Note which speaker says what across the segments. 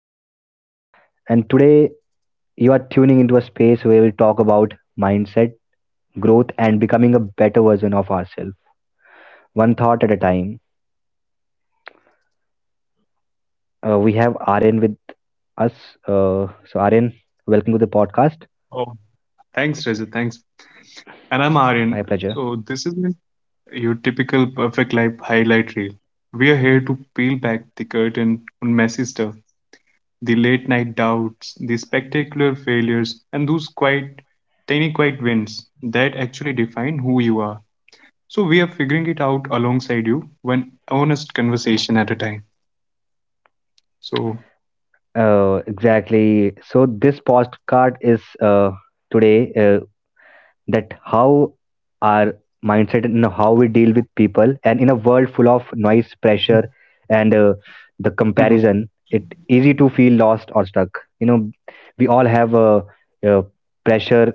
Speaker 1: Rajat, and today you are tuning into a space where we talk about mindset, growth, and becoming a better version of ourselves, one thought at a time. We have Aryan with us. So, Aryan, welcome to the podcast.
Speaker 2: Oh, thanks, Rajat. Thanks. And I'm Aryan.
Speaker 1: My pleasure.
Speaker 2: So, this isn't your typical perfect life highlight reel. We are here to peel back the curtain on messy stuff, the late night doubts, the spectacular failures, and those quite tiny, quiet wins that actually define who you are. So, we are figuring it out alongside you, one honest conversation at a time. So,
Speaker 1: Exactly. So, this podcast is today. That how our mindset and how we deal with people and in a world full of noise pressure and the comparison, it easy to feel lost or stuck, you know, we all have a, uh pressure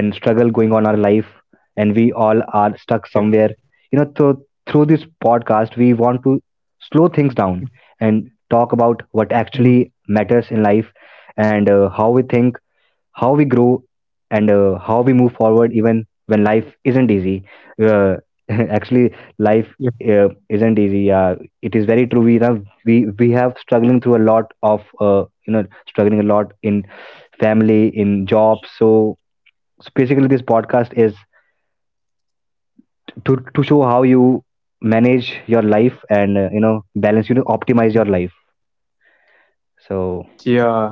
Speaker 1: and struggle going on our life, and we all are
Speaker 2: yeah.
Speaker 1: stuck somewhere, you know. So through this podcast we want to slow things down and talk about what
Speaker 2: Mhm.
Speaker 1: actually matters in life, and how we think, how we grow, and how we move forward even when life isn't easy. uh, Actually life
Speaker 2: Yeah.
Speaker 1: isn't easy, yeah. It is very true. We have struggling through a lot of you know, struggling a lot in family, in jobs, so, so basically this podcast is to show how you manage your life and you know, balance, you know, optimize your life, so
Speaker 2: Yeah.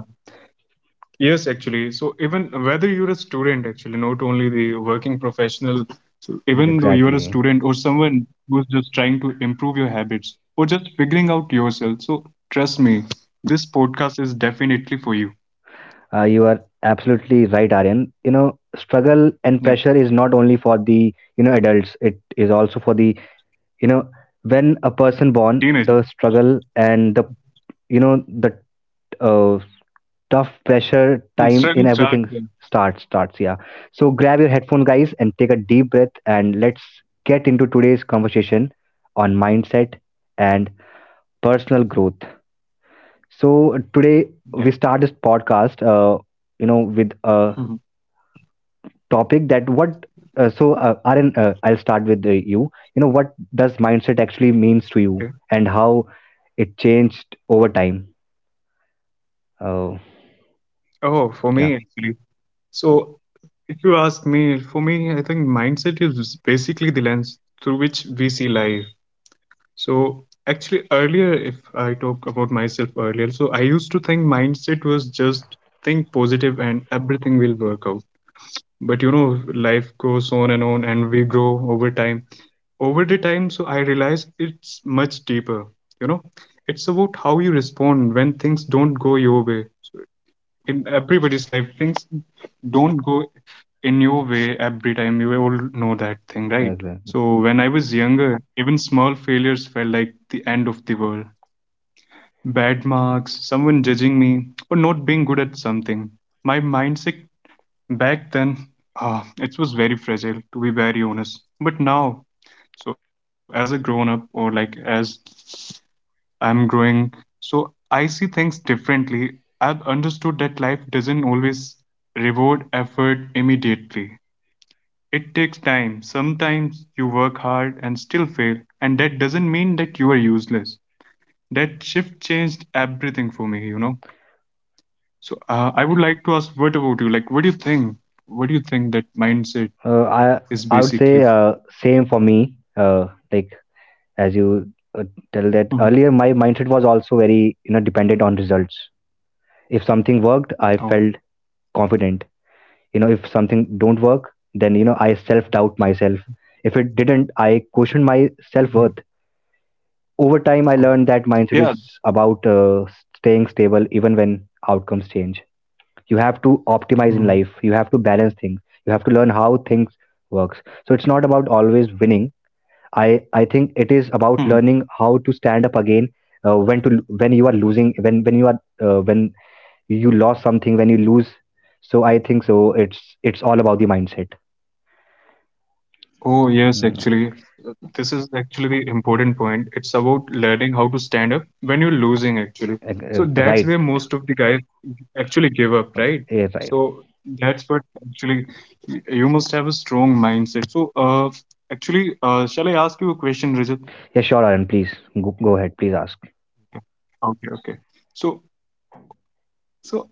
Speaker 2: Yes, actually. So even whether you're a student, actually, not only the working professional, so even though you're a
Speaker 1: exactly.
Speaker 2: student or someone who's just trying to improve your habits or just figuring out yourself, so trust me, this podcast is definitely for you.
Speaker 1: You are absolutely right, Aryan. You know, struggle and
Speaker 2: Yeah,
Speaker 1: pressure is not only for the you know adults. It is also for the you know when a person born, the
Speaker 2: teenage.
Speaker 1: struggle and the you know the uh, tough pressure
Speaker 2: Mm,
Speaker 1: time in
Speaker 2: struggle
Speaker 1: everything
Speaker 2: chart. Yeah.
Speaker 1: starts. Yeah. So grab your headphone, guys, and take a deep breath, and let's get into today's conversation on mindset and personal growth. So today we
Speaker 2: Yeah.
Speaker 1: start this podcast. You know, with a
Speaker 2: Mhm.
Speaker 1: topic that what Aryan, I'll start with you. You know, what does mindset actually means
Speaker 2: Okay.
Speaker 1: to you, and how it changed over time. Uh,
Speaker 2: Oh, for me actually.
Speaker 1: yeah,
Speaker 2: So if you ask me, for me, I think mindset is basically the lens through which we see life. So actually, earlier, if I talk about myself earlier, so I used to think mindset was just think positive and everything will work out. But you know, life goes on, and we grow over time. Over the time, so I realized it's much deeper. You know, it's about how you respond when things don't go your way. In everybody's life, things don't go in your way every time, you all know that thing, right?
Speaker 1: okay.
Speaker 2: So when I was younger, even small failures felt like the end of the world. Bad marks, someone judging me, or not being good at something. My mindset back then, it was very fragile, to be very honest. But now, so as a grown up, or like as I'm growing. So I see things differently. I've understood that life doesn't always reward effort immediately. It takes time. Sometimes you work hard and still fail, and that doesn't mean that you are useless. That shift changed everything for me, you know. So I would like to ask, what about you? Like, what do you think? What do you think that mindset
Speaker 1: uh, uh,
Speaker 2: is
Speaker 1: I I
Speaker 2: basically?
Speaker 1: would say same for me. Like as you tell
Speaker 2: Mhm.
Speaker 1: that earlier, my mindset was also very you know dependent on results. If something worked, I
Speaker 2: Oh,
Speaker 1: felt confident. You know, if something don't work, then you know I self doubt myself. If it didn't, I question my
Speaker 2: yeah.
Speaker 1: self worth. Over time I
Speaker 2: Oh,
Speaker 1: learned that mindset
Speaker 2: yeah.
Speaker 1: is about staying stable even when outcomes change. You have to optimize in life, you have to balance things, you have to learn how things works. So it's not about always winning. I i think it is
Speaker 2: Mhm.
Speaker 1: about learning how to stand up again, when to when you are losing, when you are when you lost something, when you lose. So I think so, it's it's all about the mindset.
Speaker 2: Oh, yes,
Speaker 1: Hmm.
Speaker 2: actually. This is actually the important point. It's about learning how to stand up when you're losing, actually.
Speaker 1: Uh,
Speaker 2: So
Speaker 1: uh,
Speaker 2: that's where
Speaker 1: right.
Speaker 2: most of the guys actually give up,
Speaker 1: Uh,
Speaker 2: right?
Speaker 1: yeah, right.
Speaker 2: So that's what actually, you must have a strong mindset. So, actually, shall I ask you a question, Rajat?
Speaker 1: Yeah, sure, Aaron, please, go ahead, please ask.
Speaker 2: Okay, okay. So, so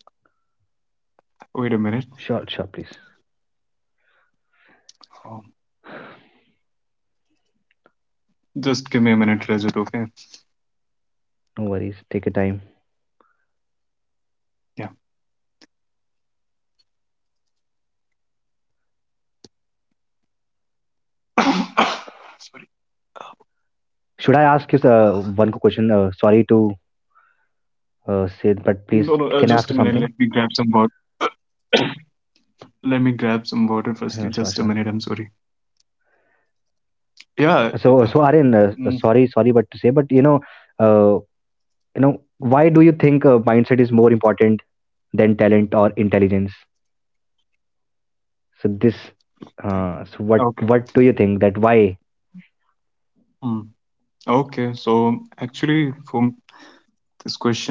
Speaker 2: wait a minute.
Speaker 1: Sure, sure, please.
Speaker 2: Um, Just give me a minute, Rajat, okay?
Speaker 1: No worries. Take your time.
Speaker 2: Yeah. Sorry.
Speaker 1: Should I ask you one quick question? Sorry to say, but please,
Speaker 2: No, no,
Speaker 1: can I
Speaker 2: just
Speaker 1: ask
Speaker 2: a
Speaker 1: you
Speaker 2: minute.
Speaker 1: something?
Speaker 2: Let me grab some water. Let me grab some water
Speaker 1: Sure,
Speaker 2: firstly.
Speaker 1: sure, sure.
Speaker 2: Just a minute. I'm sorry.
Speaker 1: So,
Speaker 2: Yeah.
Speaker 1: so
Speaker 2: uh,
Speaker 1: Aryan, sorry,
Speaker 2: Mm,
Speaker 1: sorry, but to say, but uh, you know, why do you think mindset is more important than talent or intelligence? So this, uh, so
Speaker 2: thank
Speaker 1: what, what
Speaker 2: you.
Speaker 1: do you
Speaker 2: Okay.
Speaker 1: think that why?
Speaker 2: Mm. Okay. So actually, for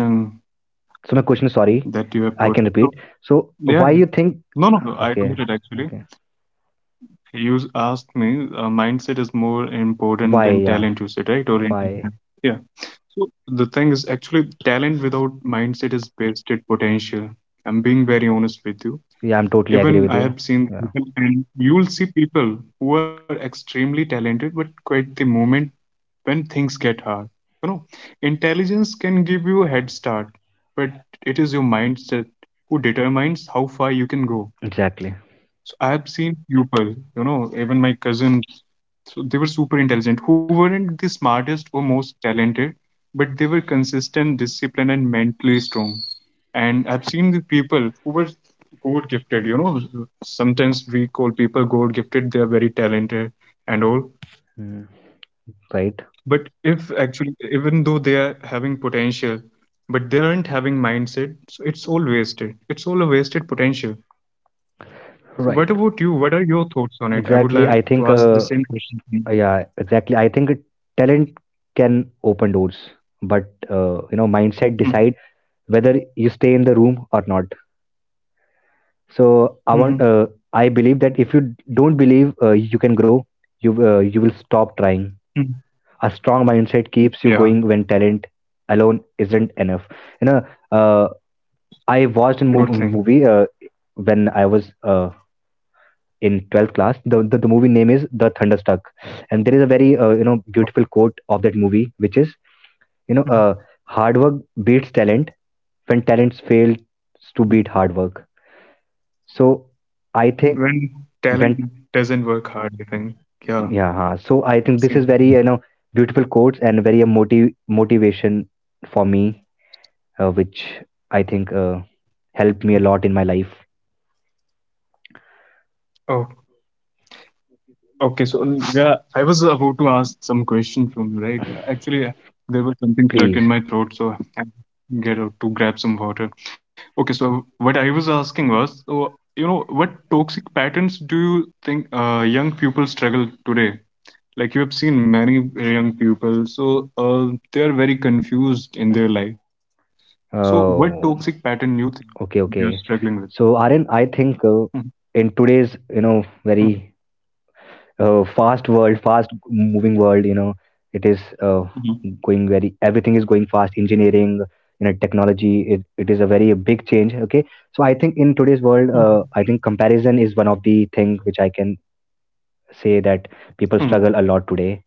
Speaker 2: this question
Speaker 1: So my question, sorry, I can
Speaker 2: that you have
Speaker 1: repeat.
Speaker 2: put, so,
Speaker 1: So why you
Speaker 2: yeah.
Speaker 1: think?
Speaker 2: Yeah.
Speaker 1: uh,
Speaker 2: No, no,
Speaker 1: Okay,
Speaker 2: no. I got it
Speaker 1: okay.
Speaker 2: actually. Asked me, mindset is more
Speaker 1: Why? Yeah,
Speaker 2: important than talent. You said, right?
Speaker 1: why?
Speaker 2: Or intelligence? Yeah. So the thing is actually talent without mindset is wasted potential. I'm being very honest with
Speaker 1: Yeah, I'm
Speaker 2: you.
Speaker 1: totally agree with you.
Speaker 2: Even I
Speaker 1: Yeah,
Speaker 2: have seen people, and you'll see people who are extremely talented, but quite the moment when things get hard, you know, intelligence can give you a head start, but it is your mindset who determines how far you can go.
Speaker 1: exactly.
Speaker 2: So I have seen people, you know, even my cousins. So they were super intelligent, who weren't the smartest or most talented, but they were consistent, disciplined, and mentally strong. And I've seen the people who were god gifted, you know. Sometimes we call people god gifted. They are very talented and all,
Speaker 1: Mm. Right,
Speaker 2: but if actually, even though they are having potential, but they aren't having mindset, so it's all wasted. It's all a wasted potential.
Speaker 1: right,
Speaker 2: So what about you? What are your thoughts on
Speaker 1: exactly,
Speaker 2: it?
Speaker 1: i
Speaker 2: I would
Speaker 1: think
Speaker 2: like
Speaker 1: uh,
Speaker 2: to ask the same question
Speaker 1: yeah
Speaker 2: to you.
Speaker 1: exactly i think talent can open doors, but you know, mindset decide
Speaker 2: Mm,
Speaker 1: whether you stay in the room or not. So i want uh,
Speaker 2: mm,
Speaker 1: I believe that if you don't believe you can grow, you will stop trying.
Speaker 2: mm.
Speaker 1: A strong mindset keeps you going
Speaker 2: Yeah,
Speaker 1: when talent alone isn't enough, you know. Uh, i watched a mov-
Speaker 2: sure
Speaker 1: movie
Speaker 2: thing.
Speaker 1: when I was in 12th class. The movie name is the Thunderstruck, and there is a very you know, beautiful quote of that movie, which is, you know, hard work beats talent when talents fails to beat hard
Speaker 2: Mm.
Speaker 1: work. So I think when
Speaker 2: When talent doesn't work hard, I think.
Speaker 1: Yeah, huh. So
Speaker 2: Yeah,
Speaker 1: I think this is very you know
Speaker 2: same.
Speaker 1: beautiful quotes and very a motivation for me, which I think helped me a lot in my life.
Speaker 2: Oh, okay. So yeah, I was about to ask some question from you, right? Actually, there was
Speaker 1: Please.
Speaker 2: something stuck in my throat, so I had to get out to grab some water. Okay, so what I was asking was, so, you know, what toxic patterns do you think young people struggle today? Like you have seen many young people, so they are very confused in their life. So
Speaker 1: Oh,
Speaker 2: what toxic pattern you think
Speaker 1: okay, okay.
Speaker 2: they are
Speaker 1: So,
Speaker 2: struggling with?
Speaker 1: Aryan, I think in
Speaker 2: Hmm,
Speaker 1: today's, you know, very
Speaker 2: hmm,
Speaker 1: fast world, fast moving world, you know, it is going very,
Speaker 2: hmm,
Speaker 1: everything is going fast. Engineering, you know, technology, it is a very big change. Okay. So, I think in today's world, I think
Speaker 2: hmm,
Speaker 1: comparison is one of the thing which I can say that people struggle a lot
Speaker 2: hmm,
Speaker 1: today.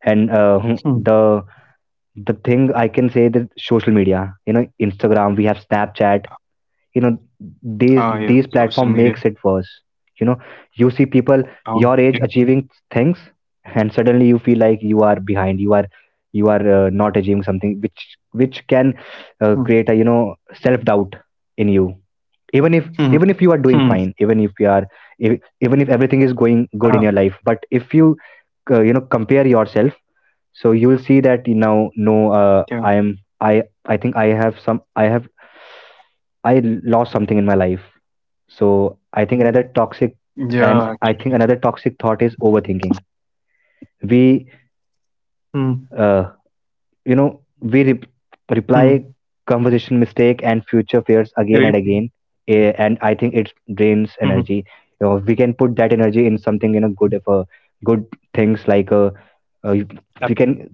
Speaker 1: And hmm, the
Speaker 2: hmm.
Speaker 1: the thing I can say that social media, you know, Instagram, we have Snapchat, you know, these
Speaker 2: Ah, yeah,
Speaker 1: platform makes it
Speaker 2: social
Speaker 1: worse,
Speaker 2: media.
Speaker 1: you know. You see people your age
Speaker 2: Oh,
Speaker 1: achieving
Speaker 2: yes.
Speaker 1: things, and suddenly you feel like you are behind, you are, you are not achieving something, which can create a you
Speaker 2: Hmm,
Speaker 1: know self doubt in you, even if, even if you
Speaker 2: hmm,
Speaker 1: are doing fine,
Speaker 2: hmm.
Speaker 1: even if you are, if, even if everything is
Speaker 2: Yeah,
Speaker 1: going good in your life, but if you you know, compare yourself, so you will see that you know, no,
Speaker 2: yeah,
Speaker 1: I am, i I think I have some, I have I lost something in my life. So I think another toxic
Speaker 2: yeah.
Speaker 1: And I think another toxic thought is overthinking. We,
Speaker 2: Hmm,
Speaker 1: uh, you know, we re-
Speaker 2: hmm.
Speaker 1: reply conversation mistake and future fears
Speaker 2: Rape.
Speaker 1: again and again, eh, and I think it drains
Speaker 2: Hmm, hmm.
Speaker 1: energy. You know, we can put that energy in something you know good for good things, like, uh,
Speaker 2: Yeah.
Speaker 1: we can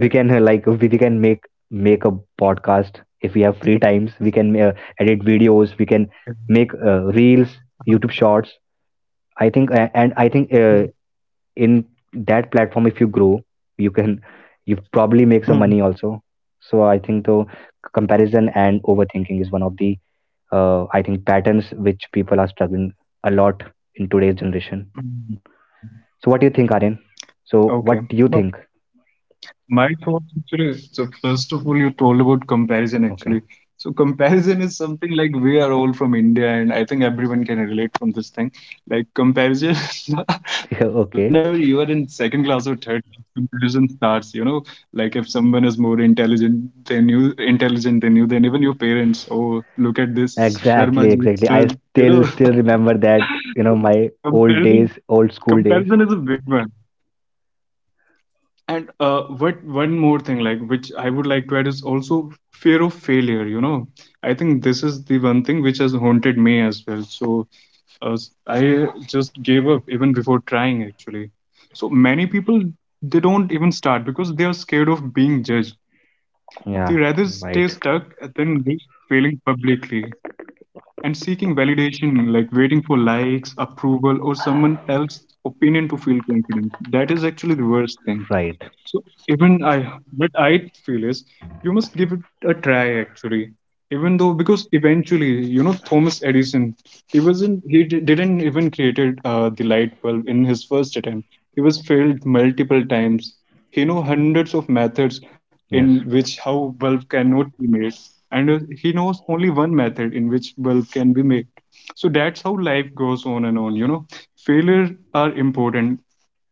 Speaker 2: Yeah.
Speaker 1: can like, we can make a podcast. If we have free times, we can edit videos, we can make reels, YouTube shorts. I think and I think
Speaker 2: Hmm,
Speaker 1: in that platform, if you grow, you can, you probably make some money
Speaker 2: hmm,
Speaker 1: also. So I think the comparison and overthinking is one of the I think patterns which people are struggling a lot in today's generation.
Speaker 2: hmm.
Speaker 1: So what do you think, Aryan, so
Speaker 2: Okay.
Speaker 1: what
Speaker 2: No,
Speaker 1: do you think?
Speaker 2: my thoughts actually, so first of all, you told about comparison
Speaker 1: Okay.
Speaker 2: actually. So comparison is something like we are all from India, and I think everyone can relate from this thing. Like comparison, whenever
Speaker 1: Okay.
Speaker 2: you are in second class or third, comparison starts, you know, like if someone is more intelligent than you, then even your parents, oh, look at this Sharma
Speaker 1: Exactly,
Speaker 2: ji, sir,
Speaker 1: exactly. I
Speaker 2: you know.
Speaker 1: still still remember that,
Speaker 2: So
Speaker 1: you know, my old
Speaker 2: comparison,
Speaker 1: days, old school days.
Speaker 2: comparison is a big one. And what one more thing, like which I would like to add is also fear of failure. You know, I think this is the one thing which has haunted me as well. So I just gave up even before trying actually. So many people, they don't even start because they are scared of being judged.
Speaker 1: Yeah,
Speaker 2: They rather
Speaker 1: right,
Speaker 2: stay stuck than risk failing publicly, and seeking validation, like waiting for likes, approval, or someone else's opinion to feel confident. That is actually the worst thing.
Speaker 1: right.
Speaker 2: So even I, what I feel is you must give it a try actually. Even though, because eventually, you know, Thomas Edison, he wasn't, he didn't even created the light bulb in his first attempt. He was failed multiple times. He know hundreds of methods in
Speaker 1: Yes.
Speaker 2: which how bulb cannot be made, and he knows only one method in which bulb can be made. So that's how life goes on and on. You know, failure are important,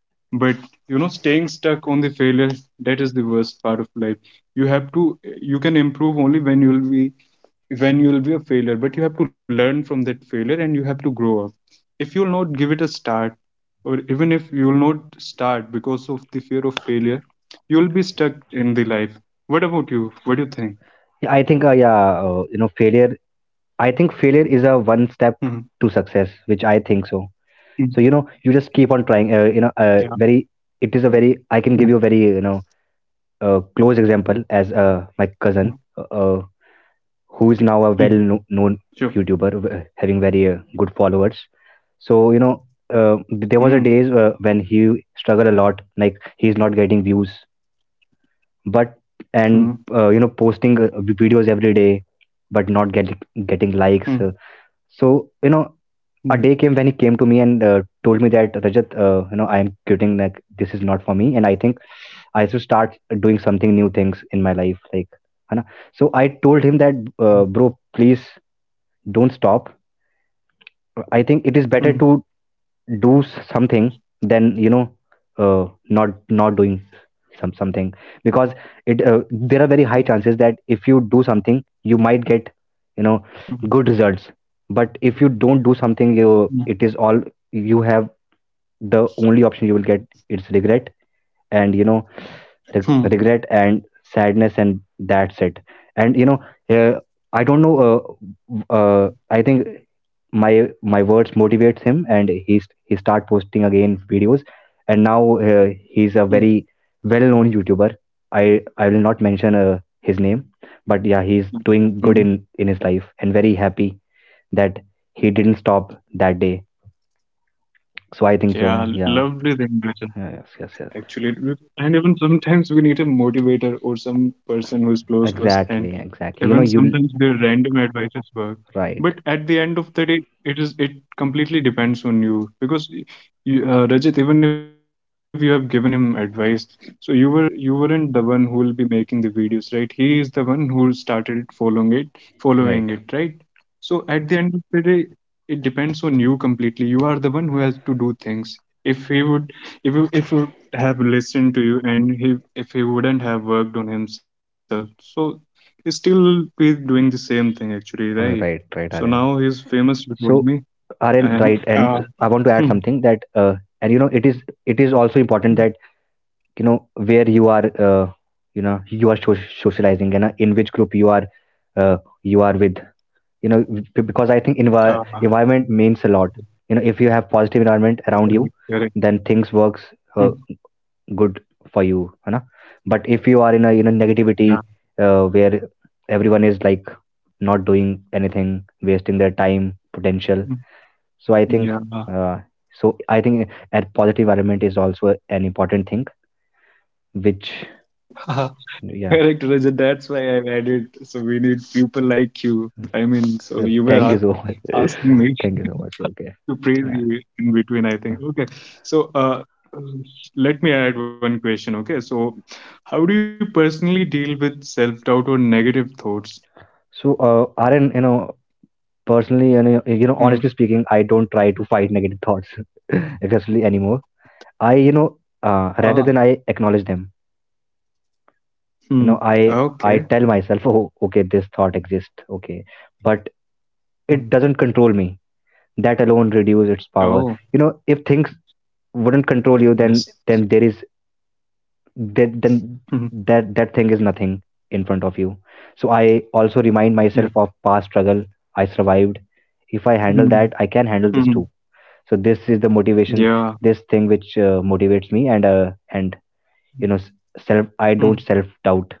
Speaker 2: but you know staying stuck on the failure, that is the worst part of life. You have to, you can improve only when you'll be, when you'll be a failure, but you have to learn from that failure and you have to grow up. If you'll not give it a start, or even if you'll not start because of the fear of failure, you'll be stuck in the life. What about you? What do you think?
Speaker 1: Yeah, I think you know, failure, I think failure is a one
Speaker 2: Hmm.
Speaker 1: step to success, which I think so.
Speaker 2: Hmm.
Speaker 1: So, you know, you just keep on trying,
Speaker 2: Yeah.
Speaker 1: you know, very, it is a
Speaker 2: Hmm.
Speaker 1: very, I can give you a very, you know, close example as my cousin. Who is
Speaker 2: Hmm.
Speaker 1: now a well kno-
Speaker 2: Sure.
Speaker 1: known YouTuber, w- having very good followers. So you know,
Speaker 2: Hmm.
Speaker 1: there was a days when he struggled a lot, like he's not getting views, but
Speaker 2: Hmm.
Speaker 1: and you know, posting videos every day, but not getting, getting
Speaker 2: Hmm.
Speaker 1: likes. So you know,
Speaker 2: Hmm.
Speaker 1: a day came when he came to me and told me that Rajat, you know, I am quitting. Like this is not for me, and I think I should start doing something new things in my life, like. है ना? So I told him that, bro, please don't stop. I think it is
Speaker 2: Hmm.
Speaker 1: better to do something than you know not, not doing some something, because it there are very high chances that if you do something you might get you know
Speaker 2: Hmm.
Speaker 1: good results, but if you don't do something, you,
Speaker 2: Hmm.
Speaker 1: it is all, you have, the only option you will get is regret, and you know,
Speaker 2: Hmm.
Speaker 1: regret and sadness, and that's it. And you know, uh, I don't know, I think my, my words motivates him, and he's, he start posting again videos. And now he's a
Speaker 2: Hmm.
Speaker 1: very well known YouTuber. I i will not mention his name, but yeah, he's doing good
Speaker 2: Hmm.
Speaker 1: in his life, and very happy that he didn't stop that day. So I think so.
Speaker 2: Yeah,
Speaker 1: Yeah.
Speaker 2: lovely thing to say.
Speaker 1: Yeah, yes, yes, yes,
Speaker 2: Actually, and even sometimes we need a motivator or some person who's close to us,
Speaker 1: exactly,
Speaker 2: and
Speaker 1: exactly. You know,
Speaker 2: even
Speaker 1: you
Speaker 2: sometimes their random advices work,
Speaker 1: right,
Speaker 2: but at the end of the day, it is, it completely depends on you because you, Rajit, even if you have given him advice, so you weren't the one who will be making the videos, right? He is the one who started following it,
Speaker 1: right.
Speaker 2: right? So at the end of the day, it depends on you completely. You are the one who has to do things. If he would, if if you have listened to you, and he, if he wouldn't have worked on himself, so he still be doing the same thing actually, right?
Speaker 1: Right,
Speaker 2: So now
Speaker 1: right,
Speaker 2: he's
Speaker 1: Aryan.
Speaker 2: famous before me.
Speaker 1: So,
Speaker 2: And
Speaker 1: Aryan, right, and I want
Speaker 2: hmm,
Speaker 1: to add something that, and you know, it is, it is also important that you know where you are, you know, you are socializing and in which group uh, you are with, you know, because I think
Speaker 2: uh
Speaker 1: environment means a lot. You know, if you have positive environment around
Speaker 2: correct,
Speaker 1: you,
Speaker 2: correct.
Speaker 1: then things works uh,
Speaker 2: Hmm,
Speaker 1: good for you, you know. But if you are in a you know
Speaker 2: yeah.
Speaker 1: negativity, where everyone is like not doing anything, wasting their time, potential.
Speaker 2: Hmm,
Speaker 1: So I
Speaker 2: yeah.
Speaker 1: think, uh, so I think a positive environment is also an important thing. Which, yeah,
Speaker 2: Correct, Rajat. That's why I've added, so we need people like you. I mean, so
Speaker 1: Thank you so much.
Speaker 2: asking me
Speaker 1: Thank you so much. Okay,
Speaker 2: to praise
Speaker 1: yeah.
Speaker 2: you in between, I
Speaker 1: Uh,
Speaker 2: think. Okay. So, let me add one question. Okay. So, how do you personally deal with self doubt or negative thoughts?
Speaker 1: So, Aaron, you know, personally, you know,
Speaker 2: Hmm.
Speaker 1: honestly speaking, I don't try to fight negative thoughts aggressively anymore. I, you know, uh, rather
Speaker 2: Ah,
Speaker 1: than I acknowledge them,
Speaker 2: hmm.
Speaker 1: you know, I
Speaker 2: Okay.
Speaker 1: I tell myself, oh, okay, this thought exists, okay, but
Speaker 2: Hmm.
Speaker 1: it doesn't control me. That alone reduces its
Speaker 2: Oh,
Speaker 1: power. You know, if things wouldn't control you,
Speaker 2: yes.
Speaker 1: then there is, then
Speaker 2: Hmm.
Speaker 1: that thing is nothing in front of you. So I also remind
Speaker 2: Yeah.
Speaker 1: myself of past struggle. I survived. If I handle
Speaker 2: Hmm.
Speaker 1: that, I can handle this
Speaker 2: Hmm.
Speaker 1: too. So this is the motivation,
Speaker 2: Yeah.
Speaker 1: this thing which motivates me, and you know, self, I
Speaker 2: Hmm.
Speaker 1: don't self doubt.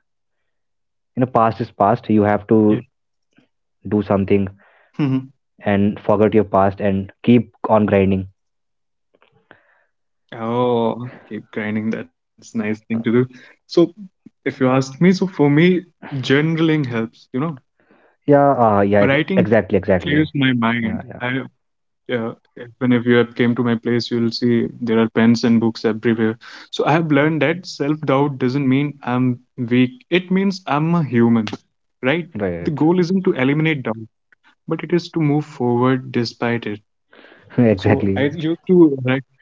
Speaker 1: You know, past is past, you have
Speaker 2: Yeah.
Speaker 1: to do something
Speaker 2: Hmm.
Speaker 1: and forget your past and keep on grinding.
Speaker 2: Oh, keep grinding. That's nice thing to do. So, if you ask me, so for me, journaling helps, you know,
Speaker 1: yeah uh, yeah ex-
Speaker 2: writing
Speaker 1: exactly
Speaker 2: clears my
Speaker 1: exactly
Speaker 2: mind.
Speaker 1: Yeah,
Speaker 2: I.
Speaker 1: yeah,
Speaker 2: Yeah, whenever you have came to my place, you'll see there are pens and books everywhere. So I have learned that self-doubt doesn't mean I'm weak. It means I'm a human, right? The
Speaker 1: right.
Speaker 2: goal isn't to eliminate doubt, but it is to move forward despite it. So
Speaker 1: Exactly,
Speaker 2: I used to write,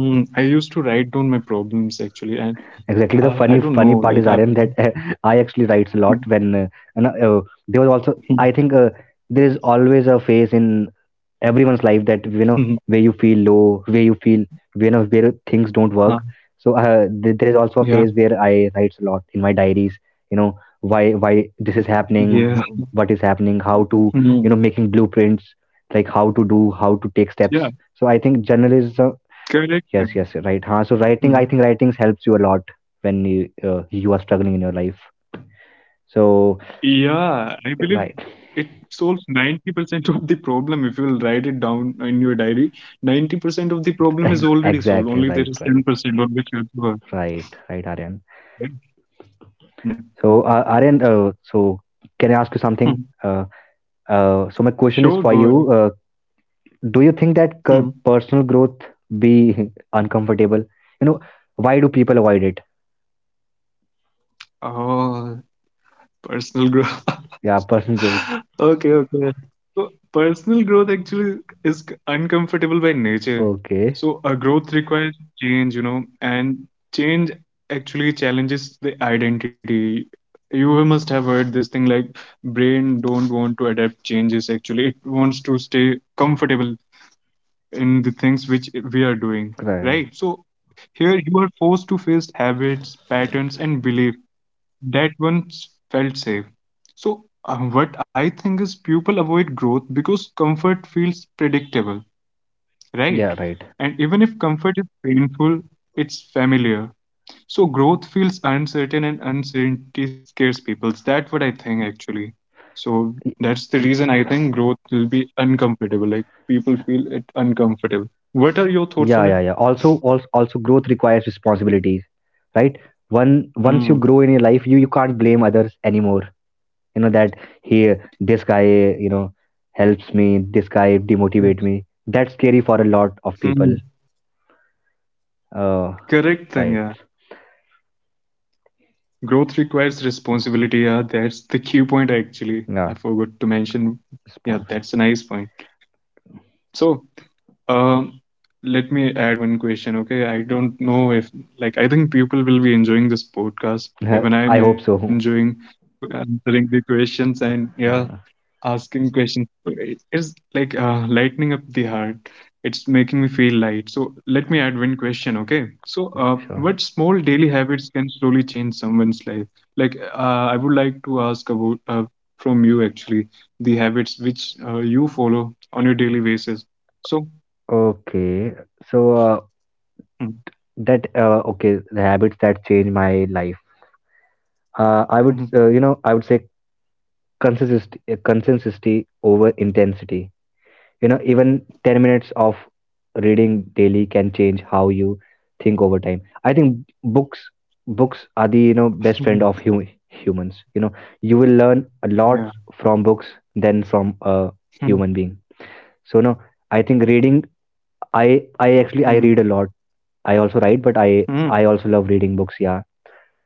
Speaker 2: I used to write down my problems actually, and
Speaker 1: exactly. The funny,
Speaker 2: I don't
Speaker 1: funny
Speaker 2: know,
Speaker 1: part is
Speaker 2: like I've,
Speaker 1: Aryan that I actually writes a lot when and, uh, there was also, I think, there is always a phase in everyone's life, that you know, where you feel low, where you feel, you know, where things don't work.
Speaker 2: huh,
Speaker 1: So there is also a phase
Speaker 2: yeah,
Speaker 1: where I writes a lot in my diaries. You know, why this is
Speaker 2: yeah,
Speaker 1: happening, what is happening, how to,
Speaker 2: mm,
Speaker 1: you know, making blueprints, like how to do, how to take
Speaker 2: yeah,
Speaker 1: steps. So I think journalism.
Speaker 2: correct thing.
Speaker 1: Yes, yes, right. Huh? So writing, I think writings helps you a lot when you are struggling in your life. So
Speaker 2: Yeah, I believe
Speaker 1: right,
Speaker 2: it solves 90% of the problem if you will write it down in your diary. 90% of the problem is already solved,
Speaker 1: exactly,
Speaker 2: only
Speaker 1: right,
Speaker 2: there is
Speaker 1: right,
Speaker 2: 10% on which you have to work,
Speaker 1: right, right, Aryan.
Speaker 2: right? Yeah.
Speaker 1: So Aryan, so can I ask you something?
Speaker 2: Hmm.
Speaker 1: Uh, so my question is
Speaker 2: Sure,
Speaker 1: for
Speaker 2: go
Speaker 1: you.
Speaker 2: ahead.
Speaker 1: Do you think that
Speaker 2: Hmm.
Speaker 1: personal growth be uncomfortable? You know, why do people avoid it?
Speaker 2: Oh, personal growth.
Speaker 1: Yeah, personal growth.
Speaker 2: Okay, okay. So personal growth actually is uncomfortable by nature. So
Speaker 1: Okay.
Speaker 2: a growth requires change, you know, and change actually challenges the identity. You must have heard this thing, like brain don't want to adapt changes actually. It wants to stay comfortable in the things which we are doing, right?
Speaker 1: Right.
Speaker 2: So here you are forced to face habits, patterns, and belief that one felt safe. So, what I think is people avoid growth because comfort feels predictable, right?
Speaker 1: Yeah, right.
Speaker 2: And even if comfort is painful, it's familiar. So, growth feels uncertain and uncertainty scares people. That's what I think actually. So, that's the reason I think growth will be uncomfortable. Like, people feel it uncomfortable. What are your thoughts on
Speaker 1: Yeah,
Speaker 2: it?
Speaker 1: yeah, yeah, also growth requires responsibilities, right? One once you
Speaker 2: Hmm.
Speaker 1: grow in your life, you can't blame others anymore. You know that, here, this guy, you know, helps me, this guy demotivate me, that's scary for a lot of people.
Speaker 2: Hmm.
Speaker 1: uh
Speaker 2: Correct thing,
Speaker 1: right.
Speaker 2: yeah. Growth requires responsibility. Yeah, that's the key point actually. I
Speaker 1: Yeah,
Speaker 2: forgot to mention. Yeah,
Speaker 1: responsibility.
Speaker 2: that's a nice point. So, um, let me add one question. Okay, I don't know if like I think people will be enjoying this podcast. Even
Speaker 1: I
Speaker 2: I'm
Speaker 1: hope so.
Speaker 2: enjoying answering the questions, and yeah,
Speaker 1: Yeah,
Speaker 2: asking question. It is like lightening up the heart. It's making me feel light. So let me add one question, okay? So what
Speaker 1: sure.
Speaker 2: small daily habits can slowly change someone's life? Like I would like to ask about from you actually the habits which you follow on your daily basis. So,
Speaker 1: Okay, so
Speaker 2: mm,
Speaker 1: that okay, the habits that change my life, I would,
Speaker 2: mhm,
Speaker 1: you know, I would say consistency, consistency over intensity. You know, even 10 minutes of reading daily can change how you think over time. I think books, books are the, you know, best friend of
Speaker 2: mhm,
Speaker 1: humans. You know, you will learn a lot
Speaker 2: yeah.
Speaker 1: from books than from a human
Speaker 2: Mm,
Speaker 1: being. So no, I think reading, I actually, I read a
Speaker 2: mhm,
Speaker 1: lot. I also write, but I
Speaker 2: mm,
Speaker 1: also love reading books. Yeah,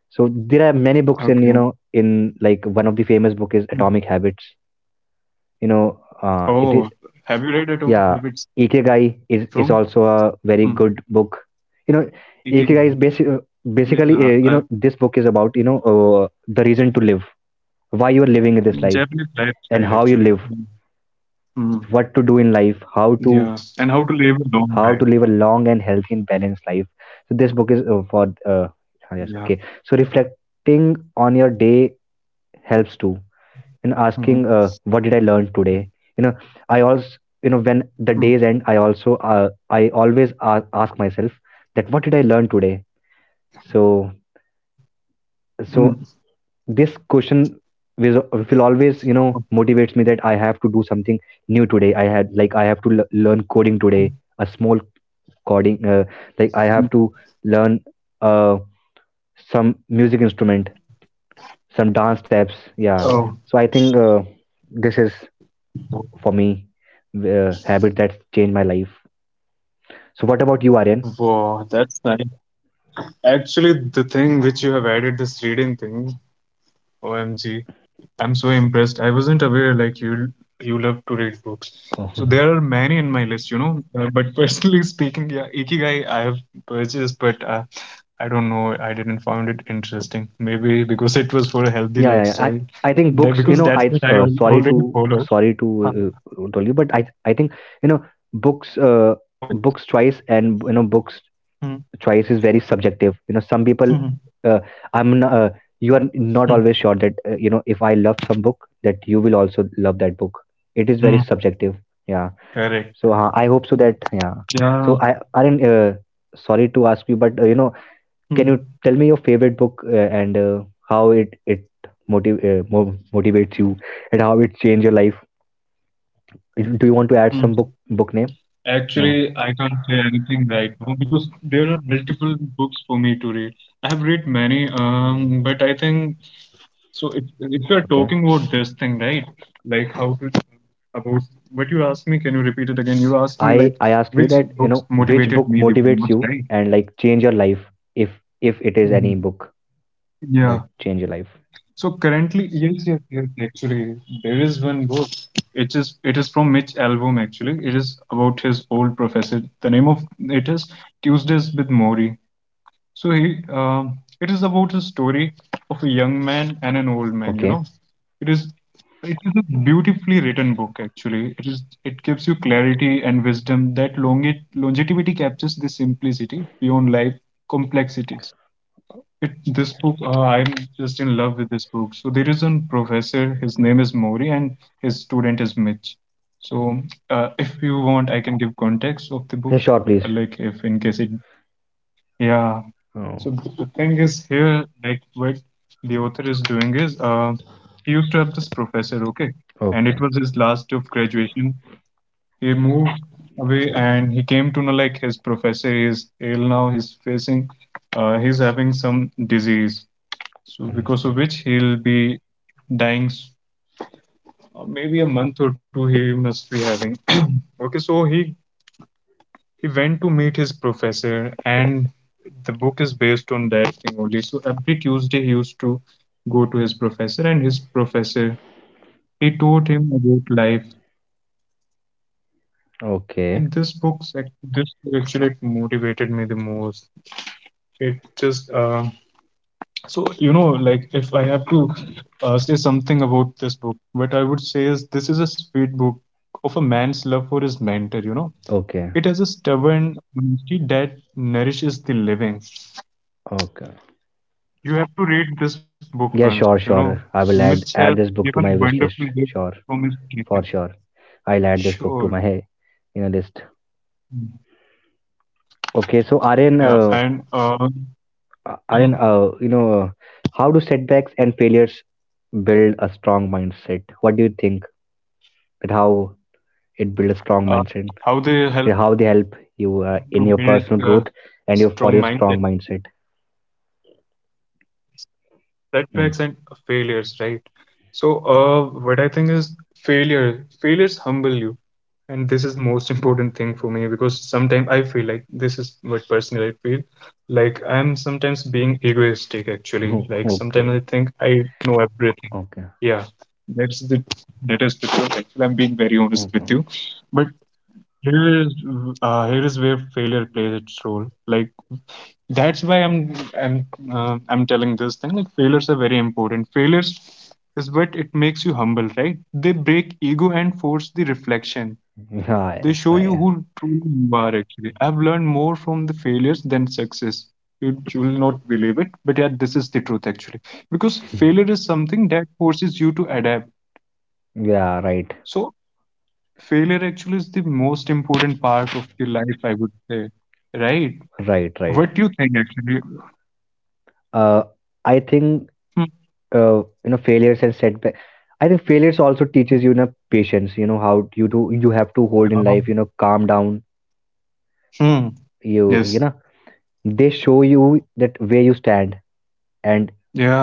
Speaker 1: so there are many books
Speaker 2: okay.
Speaker 1: in, you know, in, like, one of the famous
Speaker 2: Mm.
Speaker 1: book is Atomic Habits. You know,
Speaker 2: Oh,
Speaker 1: it is,
Speaker 2: have you read Atomic Habits
Speaker 1: yeah. Ikigai
Speaker 2: from
Speaker 1: is also a
Speaker 2: mm,
Speaker 1: very good book, you know.
Speaker 2: Ikigai?
Speaker 1: Ikigai is
Speaker 2: Yeah,
Speaker 1: basically,
Speaker 2: I
Speaker 1: you know, this book is about, you know, the reason to live, why you are living in this
Speaker 2: Japanese
Speaker 1: life
Speaker 2: lifestyle
Speaker 1: and
Speaker 2: actually.
Speaker 1: how you
Speaker 2: Mm.
Speaker 1: live,
Speaker 2: Mm.
Speaker 1: what to do in life, how
Speaker 2: Yeah.
Speaker 1: to,
Speaker 2: And how to live a long life.
Speaker 1: how to live a long and healthy and balanced life. So this book is, for uh,
Speaker 2: Yeah.
Speaker 1: ah, yes, okay, so reflecting on your day helps too, and
Speaker 2: Hmm.
Speaker 1: asking, what did I learn today? You know, I also, you know, when
Speaker 2: Mm.
Speaker 1: the days end, I also, I always ask myself, that what did I learn today? So,
Speaker 2: Mm.
Speaker 1: so this question will
Speaker 2: Oh,
Speaker 1: always, you know, motivates me that I have to do something new today. I had, like, I have to learn coding today, a small coding,
Speaker 2: mm.
Speaker 1: like I have to learn, uh, some
Speaker 2: Mm.
Speaker 1: music instrument, some dance steps.
Speaker 2: Oh,
Speaker 1: Yeah, so I think, this is for me, habit that's changed my life. So what about you, Aryan?
Speaker 2: wow, that's nice. Actually, the thing which you have added, this reading thing, OMG, I'm so impressed. I wasn't aware like you love to read books. So there
Speaker 1: Oh,
Speaker 2: are
Speaker 1: yeah,
Speaker 2: many in my list. But personally speaking, yeah, Ikigai I have purchased, but I don't know. I didn't find it interesting. Maybe because it was for a healthy lifestyle.
Speaker 1: yeah, yeah. I
Speaker 2: That
Speaker 1: I think
Speaker 2: because that's
Speaker 1: books. You
Speaker 2: what I
Speaker 1: know, I, uh,
Speaker 2: already
Speaker 1: sorry
Speaker 2: follow.
Speaker 1: to
Speaker 2: Uh,
Speaker 1: sorry to tell you, but I think, you know,
Speaker 2: no way.
Speaker 1: books, books choice, and, you know,
Speaker 2: Mm,
Speaker 1: books choice is very subjective.
Speaker 2: mm,
Speaker 1: You know, some people, uh, I'm not,
Speaker 2: mm,
Speaker 1: you are not always sure that, you know, if I love some book that you will also love that book.
Speaker 2: mm.
Speaker 1: It is very subjective.
Speaker 2: Correct.
Speaker 1: Yeah. So I hope so that,
Speaker 2: Yeah.
Speaker 1: yeah. So I aren't, sorry to ask you, but, you know,
Speaker 2: Mm,
Speaker 1: can you tell me your favorite book, and how it motivates you, and how it changed your life?
Speaker 2: mm.
Speaker 1: Do you want to add some book,
Speaker 2: Actually, I
Speaker 1: book
Speaker 2: can't
Speaker 1: name?
Speaker 2: say anything
Speaker 1: No.
Speaker 2: right now because there are multiple books for me to read. I have read many, but I think.
Speaker 1: Mm,
Speaker 2: So if you are talking about this thing, right?
Speaker 1: okay.
Speaker 2: Like how to about what you asked me, can you repeat it again? You asked me like which
Speaker 1: I I
Speaker 2: books
Speaker 1: ask you that,
Speaker 2: motivated
Speaker 1: you
Speaker 2: me
Speaker 1: know,
Speaker 2: the most,
Speaker 1: which
Speaker 2: right?
Speaker 1: book motivates you and like change your life, if
Speaker 2: Mhm.
Speaker 1: if it is any book
Speaker 2: Yeah.
Speaker 1: that change your
Speaker 2: So
Speaker 1: life.
Speaker 2: currently, yes, yes, yes. Actually, there is one book. It is from Mitch Albom. Actually, it is about his old professor. The name of it is Tuesdays with Maury. So he, it is about the story of a young man and an old man.
Speaker 1: Okay.
Speaker 2: It is it is a beautifully written book. Actually, it gives you clarity and wisdom that longevity captures the simplicity beyond life complexities. This book, I'm just in love with this book. So there is one professor. His name is Mori, and his student is Mitch. So if you want, I can give context of the book,
Speaker 1: Yeah, sure,
Speaker 2: like
Speaker 1: please.
Speaker 2: if in case it, yeah. So
Speaker 1: Oh,
Speaker 2: the thing is here, like what the author is doing is, he used to have this professor, okay, and it was
Speaker 1: okay.
Speaker 2: his last day of graduation. He moved away and he came to know like his professor is ill now. He's having some disease. So because of
Speaker 1: Mhm.
Speaker 2: which he'll be dying maybe a month or two he must be having. Okay, so he went to meet his professor, and the book is based on that thing only. So every Tuesday he used to go to his professor, and his professor, he taught him about life. And
Speaker 1: Okay.
Speaker 2: this book, this actually motivated me the most. It just so like if I have to say something about this book, what I would say is this is a sweet book of a man's love for his mentor. It
Speaker 1: Okay.
Speaker 2: has a stubborn honesty that nourishes the living.
Speaker 1: Okay.
Speaker 2: You have to read this book once,
Speaker 1: Yeah,
Speaker 2: you
Speaker 1: sure,
Speaker 2: know.
Speaker 1: sure. I
Speaker 2: Mitch
Speaker 1: will
Speaker 2: has
Speaker 1: add add
Speaker 2: given
Speaker 1: this
Speaker 2: a
Speaker 1: book to my
Speaker 2: wonderful
Speaker 1: wish
Speaker 2: gift
Speaker 1: list.
Speaker 2: from
Speaker 1: Sure.
Speaker 2: his kitchen.
Speaker 1: For sure. I'll add this
Speaker 2: Sure.
Speaker 1: book to my hey, you know, list. Okay, so
Speaker 2: Yeah,
Speaker 1: Aryan,
Speaker 2: and mm,
Speaker 1: Aryan, you know, how do setbacks and failures build a strong mindset? What do you think, that how it build
Speaker 2: uh,
Speaker 1: a strong
Speaker 2: how
Speaker 1: mindset?
Speaker 2: they help to
Speaker 1: Yeah, how
Speaker 2: build
Speaker 1: they help
Speaker 2: a
Speaker 1: you,
Speaker 2: strong
Speaker 1: in your
Speaker 2: mindset,
Speaker 1: personal growth and your for your strong mindset?
Speaker 2: setbacks and failures, right?
Speaker 1: Hmm.
Speaker 2: So, what I think is failure. Failures humble you. And this is the most important thing for me because sometimes I feel like this is what personally I feel, like I'm sometimes being egoistic actually, like sometimes I think I
Speaker 1: Okay,
Speaker 2: know everything. Yeah,
Speaker 1: okay,
Speaker 2: that's the that is the truth actually. I'm being very honest with you,
Speaker 1: okay.
Speaker 2: but here is here is where failure plays its role. Like, that's why i'm I'm telling this thing, like failures are very important. Failures is what it makes you humble, right? They break ego and force the reflection.
Speaker 1: Yeah,
Speaker 2: They show
Speaker 1: right.
Speaker 2: you
Speaker 1: Yeah,
Speaker 2: who truly you are actually. I've learned more from the failures than success. You will not believe it, but yeah, this is the truth actually. Because failure is something that forces you to adapt.
Speaker 1: yeah, right,
Speaker 2: So failure actually is the most important part of the life, I would say. Right?
Speaker 1: right, right.
Speaker 2: What do you think actually?
Speaker 1: Uh, I think,
Speaker 2: Hmm.
Speaker 1: uh, you know, failures and setback, I think failures also teaches you, you know, patience, you know, how you do, you have to hold in life, you
Speaker 2: Oh.
Speaker 1: know, calm down.
Speaker 2: Hmm.
Speaker 1: You know,
Speaker 2: Yes.
Speaker 1: they show you that where you stand, and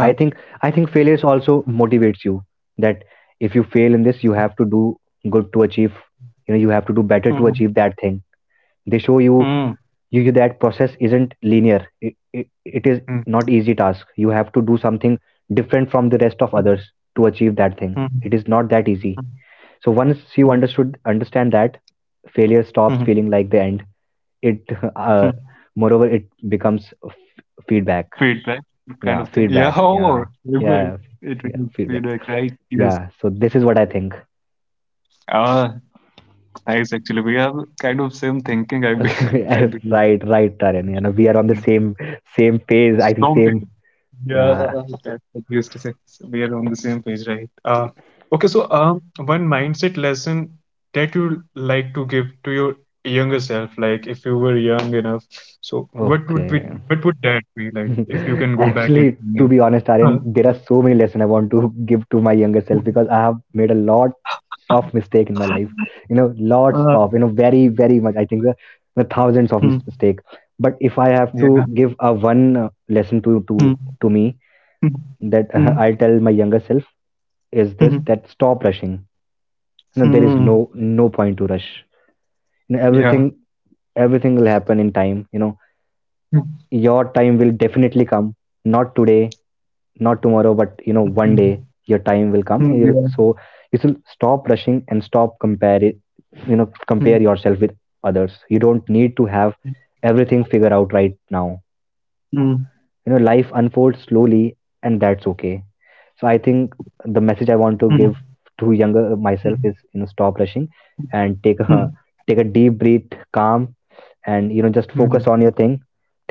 Speaker 1: I think, I think failures also motivates you, that if you fail in this, you have to do good to achieve, you know, you have to do better to
Speaker 2: Hmm.
Speaker 1: achieve that thing. They show you,
Speaker 2: Hmm.
Speaker 1: you, that process isn't linear. It is
Speaker 2: Hmm.
Speaker 1: not easy task. You have to do something different from the rest of
Speaker 2: Hmm.
Speaker 1: others to achieve that thing. It
Speaker 2: Hmm.
Speaker 1: is not that easy.
Speaker 2: Hmm.
Speaker 1: So once you
Speaker 2: Hmm.
Speaker 1: understood, understand that, failure
Speaker 2: Hmm.
Speaker 1: stops
Speaker 2: Hmm,
Speaker 1: feeling like the end. It
Speaker 2: hmm.
Speaker 1: uh, moreover, it becomes feedback.
Speaker 2: Feedback kind
Speaker 1: Yeah,
Speaker 2: of thing. Yeah,
Speaker 1: feedback.
Speaker 2: oh,
Speaker 1: Yeah,
Speaker 2: it
Speaker 1: yeah,
Speaker 2: it
Speaker 1: yeah,
Speaker 2: is
Speaker 1: feedback.
Speaker 2: feedback, right? Yes.
Speaker 1: Yeah, so this is what I think.
Speaker 2: Ah, nice. Actually, we have kind of same thinking. I believe.
Speaker 1: Right, right, Taryn. You know, we are on the
Speaker 2: Yeah.
Speaker 1: same, same page. I think
Speaker 2: Strong
Speaker 1: same.
Speaker 2: feedback. Yeah,
Speaker 1: Yeah.
Speaker 2: that's what you used to say. So we are on the same page, right? Okay, so one mindset lesson that you like to give to your younger self, like if you were young enough, so
Speaker 1: Okay.
Speaker 2: what would that be like if you can go back in
Speaker 1: Actually,
Speaker 2: time?
Speaker 1: to be honest, Aryan, there are so many lessons I want to give to my younger self because I have made a lot of mistake in my life. You know, lots
Speaker 2: Uh, uh,
Speaker 1: of, you know, very, very much. I think the thousands of
Speaker 2: hmm,
Speaker 1: mistake. But if I have
Speaker 2: yeah.
Speaker 1: to give a one, lesson
Speaker 2: Hmm.
Speaker 1: to me, that
Speaker 2: Mm,
Speaker 1: I'll tell my younger self is this:
Speaker 2: mhm,
Speaker 1: that stop rushing. You know, there is
Speaker 2: mm,
Speaker 1: no point to rush. You know,
Speaker 2: yeah.
Speaker 1: everything, everything will happen in time. You know,
Speaker 2: Mm,
Speaker 1: your time will definitely come. Not today, not tomorrow, but you know, one
Speaker 2: mhm,
Speaker 1: day your time will come,
Speaker 2: mm,
Speaker 1: and you,
Speaker 2: yeah.
Speaker 1: so you should stop rushing, and stop compare it, you know,
Speaker 2: Mm,
Speaker 1: compare yourself with others. You don't need to have everything figured out right now. You
Speaker 2: mm,
Speaker 1: know, life unfolds slowly, and that's okay. So I think the message I want to give
Speaker 2: mm,
Speaker 1: to younger
Speaker 2: mm,
Speaker 1: myself is, you know, stop rushing, and take a
Speaker 2: mm,
Speaker 1: take a deep breath, calm, and, you know, just
Speaker 2: mm,
Speaker 1: focus on your thing.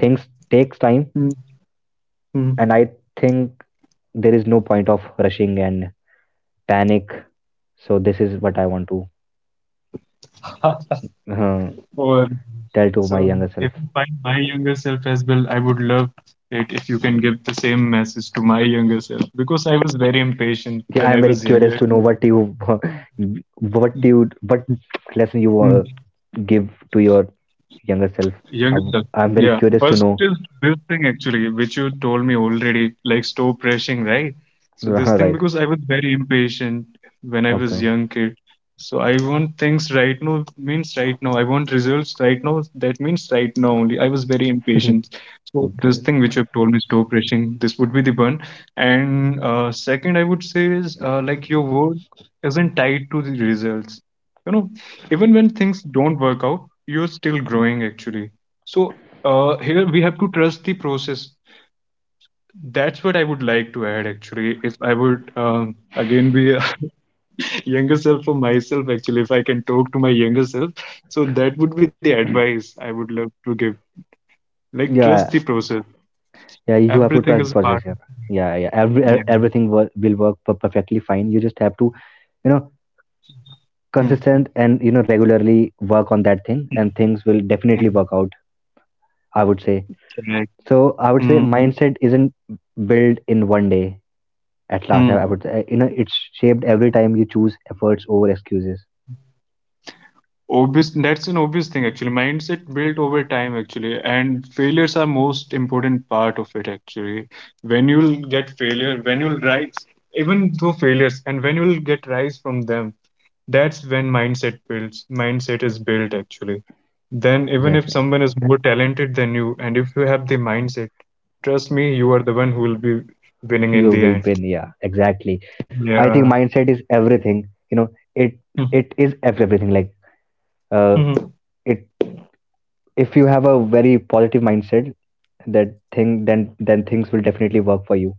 Speaker 1: Things takes time,
Speaker 2: mm, mm.
Speaker 1: and I think there is no point of rushing and panic. So this is what I want to uh,
Speaker 2: Or
Speaker 1: tell to
Speaker 2: so
Speaker 1: my younger
Speaker 2: if
Speaker 1: self.
Speaker 2: you find my younger self as well, I would love it if you can give the same message to my younger self because I was very impatient
Speaker 1: Yeah,
Speaker 2: when
Speaker 1: I
Speaker 2: I
Speaker 1: am very
Speaker 2: was younger.
Speaker 1: curious to know what you, what you, what lesson you give to your younger self.
Speaker 2: Younger self.
Speaker 1: I'm very
Speaker 2: Yeah.
Speaker 1: curious to
Speaker 2: First
Speaker 1: know.
Speaker 2: is this thing actually, which you told me already, like stop rushing, right? So this thing
Speaker 1: Right.
Speaker 2: because I was very impatient when I was
Speaker 1: Okay.
Speaker 2: young kid. So I want things right now means right now. I want results right now. That means right now only. I was very impatient. So this
Speaker 1: Okay.
Speaker 2: thing which you have told me, stop rushing, this would be the one. And second, I would say is like your word isn't tied to the results. You know, even when things don't work out, you're still growing actually, so here we have to trust the process. That's what I would like to add actually. If I would again be a younger self for myself, actually, if I can talk to my younger self, so that would be the advice I would love to give. Like, trust the
Speaker 1: Yeah.
Speaker 2: process.
Speaker 1: Yeah. You have to
Speaker 2: Everything
Speaker 1: trust the
Speaker 2: is
Speaker 1: process.
Speaker 2: part.
Speaker 1: Yeah. Yeah. Yeah. Every,
Speaker 2: Yeah.
Speaker 1: everything will work perfectly fine. You just have to, you know,
Speaker 2: Hmm.
Speaker 1: consistent, and, you know, regularly work on that thing, and things will definitely work out. I would say,
Speaker 2: Correct.
Speaker 1: so I would say
Speaker 2: Hmm.
Speaker 1: mindset isn't built in one day. At last, I
Speaker 2: Hmm.
Speaker 1: would say, you know, it's shaped every time you choose efforts over excuses.
Speaker 2: Obvious, that's an obvious thing actually. Mindset built over time actually, and failures are most important part of it actually. When you'll get failure, when you'll rise, even through failures, and when you'll get rise from them, that's when mindset builds. Mindset is built actually. Then even if
Speaker 1: Exactly,
Speaker 2: someone is more talented than you, and if you have the mindset, trust me, you are the one who will be winning
Speaker 1: you
Speaker 2: in
Speaker 1: will
Speaker 2: the end.
Speaker 1: win. Yeah, exactly. I think
Speaker 2: Yeah.
Speaker 1: mindset is everything. You know, it it is everything. Like, uh,
Speaker 2: Mhm.
Speaker 1: it if you have a very positive mindset, that thing, then things will definitely work for you.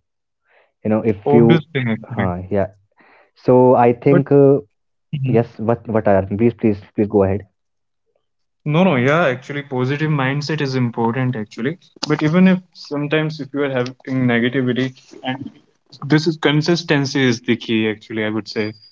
Speaker 1: You know, if you,
Speaker 2: Obvious thing actually.
Speaker 1: yeah. So I think,
Speaker 2: But
Speaker 1: yes. What are, please, please, please go ahead.
Speaker 2: no, no, yeah, actually, positive mindset is important, actually. But even if sometimes if you are having negativity, and this is consistency is the key, actually, I would say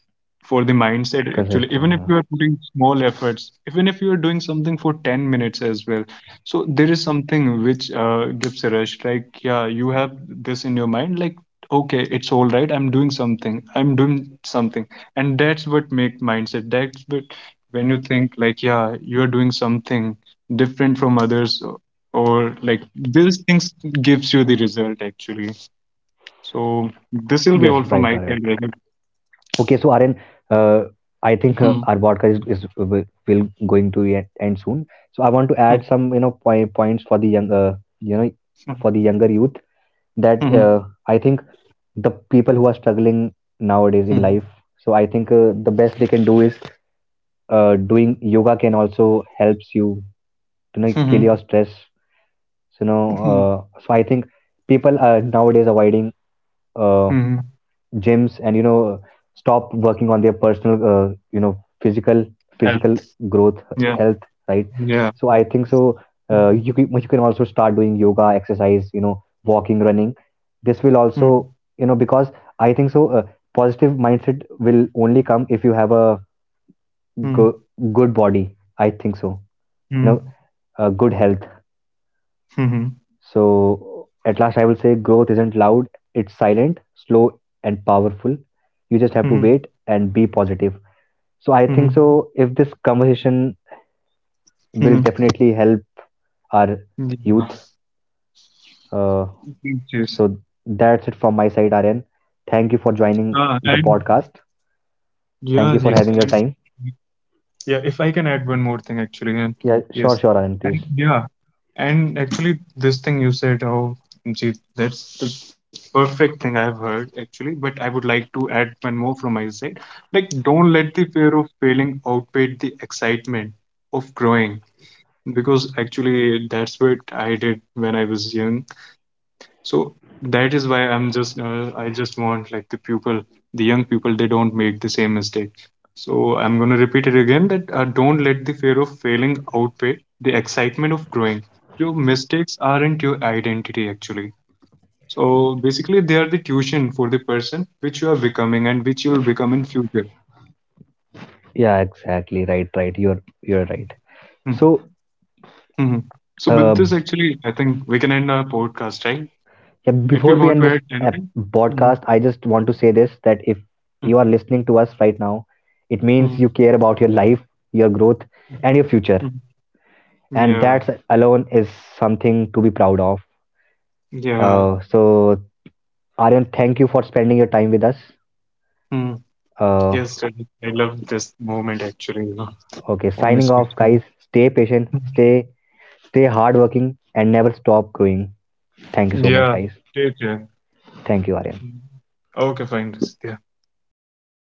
Speaker 2: for the mindset actually,
Speaker 1: Consistent.
Speaker 2: even if you are putting small efforts, even if you are doing something for 10 minutes as well, so there is something which gives a rush, like, yeah, you have this in your mind like okay, it's all right, I'm doing something, I'm doing something, and that's what make mindset, that's what, when you think like yeah, you're doing something different from others, or like these things gives you the result actually, so this will
Speaker 1: Yes,
Speaker 2: be all
Speaker 1: right.
Speaker 2: from my side, Rajat.
Speaker 1: Okay, so Aryan, uh, I think,
Speaker 2: Hmm.
Speaker 1: our podcast is will going to end soon. So I want to add some, you know, point, points for the young, you know, for the younger youth, that,
Speaker 2: Hmm.
Speaker 1: I think the people who are struggling nowadays in life.
Speaker 2: Mhm.
Speaker 1: So I think, the best they can do is, doing yoga can also helps you to, you know, kill your
Speaker 2: Mhm.
Speaker 1: stress. So you know,
Speaker 2: Mhm.
Speaker 1: so I think people are nowadays avoiding, uh,
Speaker 2: Mhm.
Speaker 1: gyms, and you know, stop working on their personal, you know, physical,
Speaker 2: And
Speaker 1: physical growth,
Speaker 2: yeah,
Speaker 1: health, right?
Speaker 2: yeah.
Speaker 1: So I think so, you can also start doing yoga, exercise, you know, walking, running. This will also,
Speaker 2: Mhm.
Speaker 1: you know, because I think so, positive mindset will only come if you have a go-
Speaker 2: Mhm.
Speaker 1: good body, I think so, you know,
Speaker 2: Mhm.
Speaker 1: good health.
Speaker 2: Mhm.
Speaker 1: So, at last, I will say growth isn't loud, it's silent, slow, and powerful. You just have to
Speaker 2: Mhm.
Speaker 1: wait and be positive. So, I think
Speaker 2: Mhm.
Speaker 1: so. If this conversation will
Speaker 2: Mhm.
Speaker 1: definitely help our
Speaker 2: Yeah.
Speaker 1: youth. Uh,
Speaker 2: Yes.
Speaker 1: so, that's it from my side, Aryan. Thank you for joining
Speaker 2: Ah,
Speaker 1: the
Speaker 2: and
Speaker 1: podcast.
Speaker 2: yeah,
Speaker 1: Thank you for
Speaker 2: yes,
Speaker 1: having your
Speaker 2: and
Speaker 1: time.
Speaker 2: yeah, if I can add one more thing actually, and
Speaker 1: Yeah, sure,
Speaker 2: yes,
Speaker 1: sure, Aryan, please.
Speaker 2: and yeah, and actually, this thing you said, oh, gee, that's the perfect thing I've heard actually, but I would like to add one more from my side. Like, don't let the fear of failing outweigh the excitement of growing, because actually that's what I did when I was young. So that is why I just want like the people, the young people, they don't make the same mistake. So I'm gonna repeat it again that don't let the fear of failing outweigh the excitement of growing. Your mistakes aren't your identity actually. So basically, they are the tuition for the person which you are becoming and which you will become in future.
Speaker 1: Yeah, exactly. Right, right. You're right. So,
Speaker 2: Mm-hmm. So
Speaker 1: uh,
Speaker 2: with this, actually, I think we can end our podcast, right?
Speaker 1: yeah,
Speaker 2: If
Speaker 1: before
Speaker 2: you
Speaker 1: we end
Speaker 2: want to
Speaker 1: this
Speaker 2: add anything. Hmm.
Speaker 1: podcast, I just want to say this, that if you
Speaker 2: Mm,
Speaker 1: are listening to us right now, it means
Speaker 2: mm,
Speaker 1: you care about your life, your growth, and
Speaker 2: mm,
Speaker 1: your future.
Speaker 2: mm.
Speaker 1: And
Speaker 2: Yeah,
Speaker 1: that alone is something to be proud of.
Speaker 2: yeah.
Speaker 1: So, Aryan, thank you for spending your time with us.
Speaker 2: Mm,
Speaker 1: Uh,
Speaker 2: yes, I love this moment actually,
Speaker 1: okay, signing
Speaker 2: honestly.
Speaker 1: off, guys. Stay patient, stay hardworking, and never stop growing. Thank you so much,
Speaker 2: Yeah,
Speaker 1: guys.
Speaker 2: did yeah.
Speaker 1: Thank you, Aryan.
Speaker 2: Okay, fine. Yeah.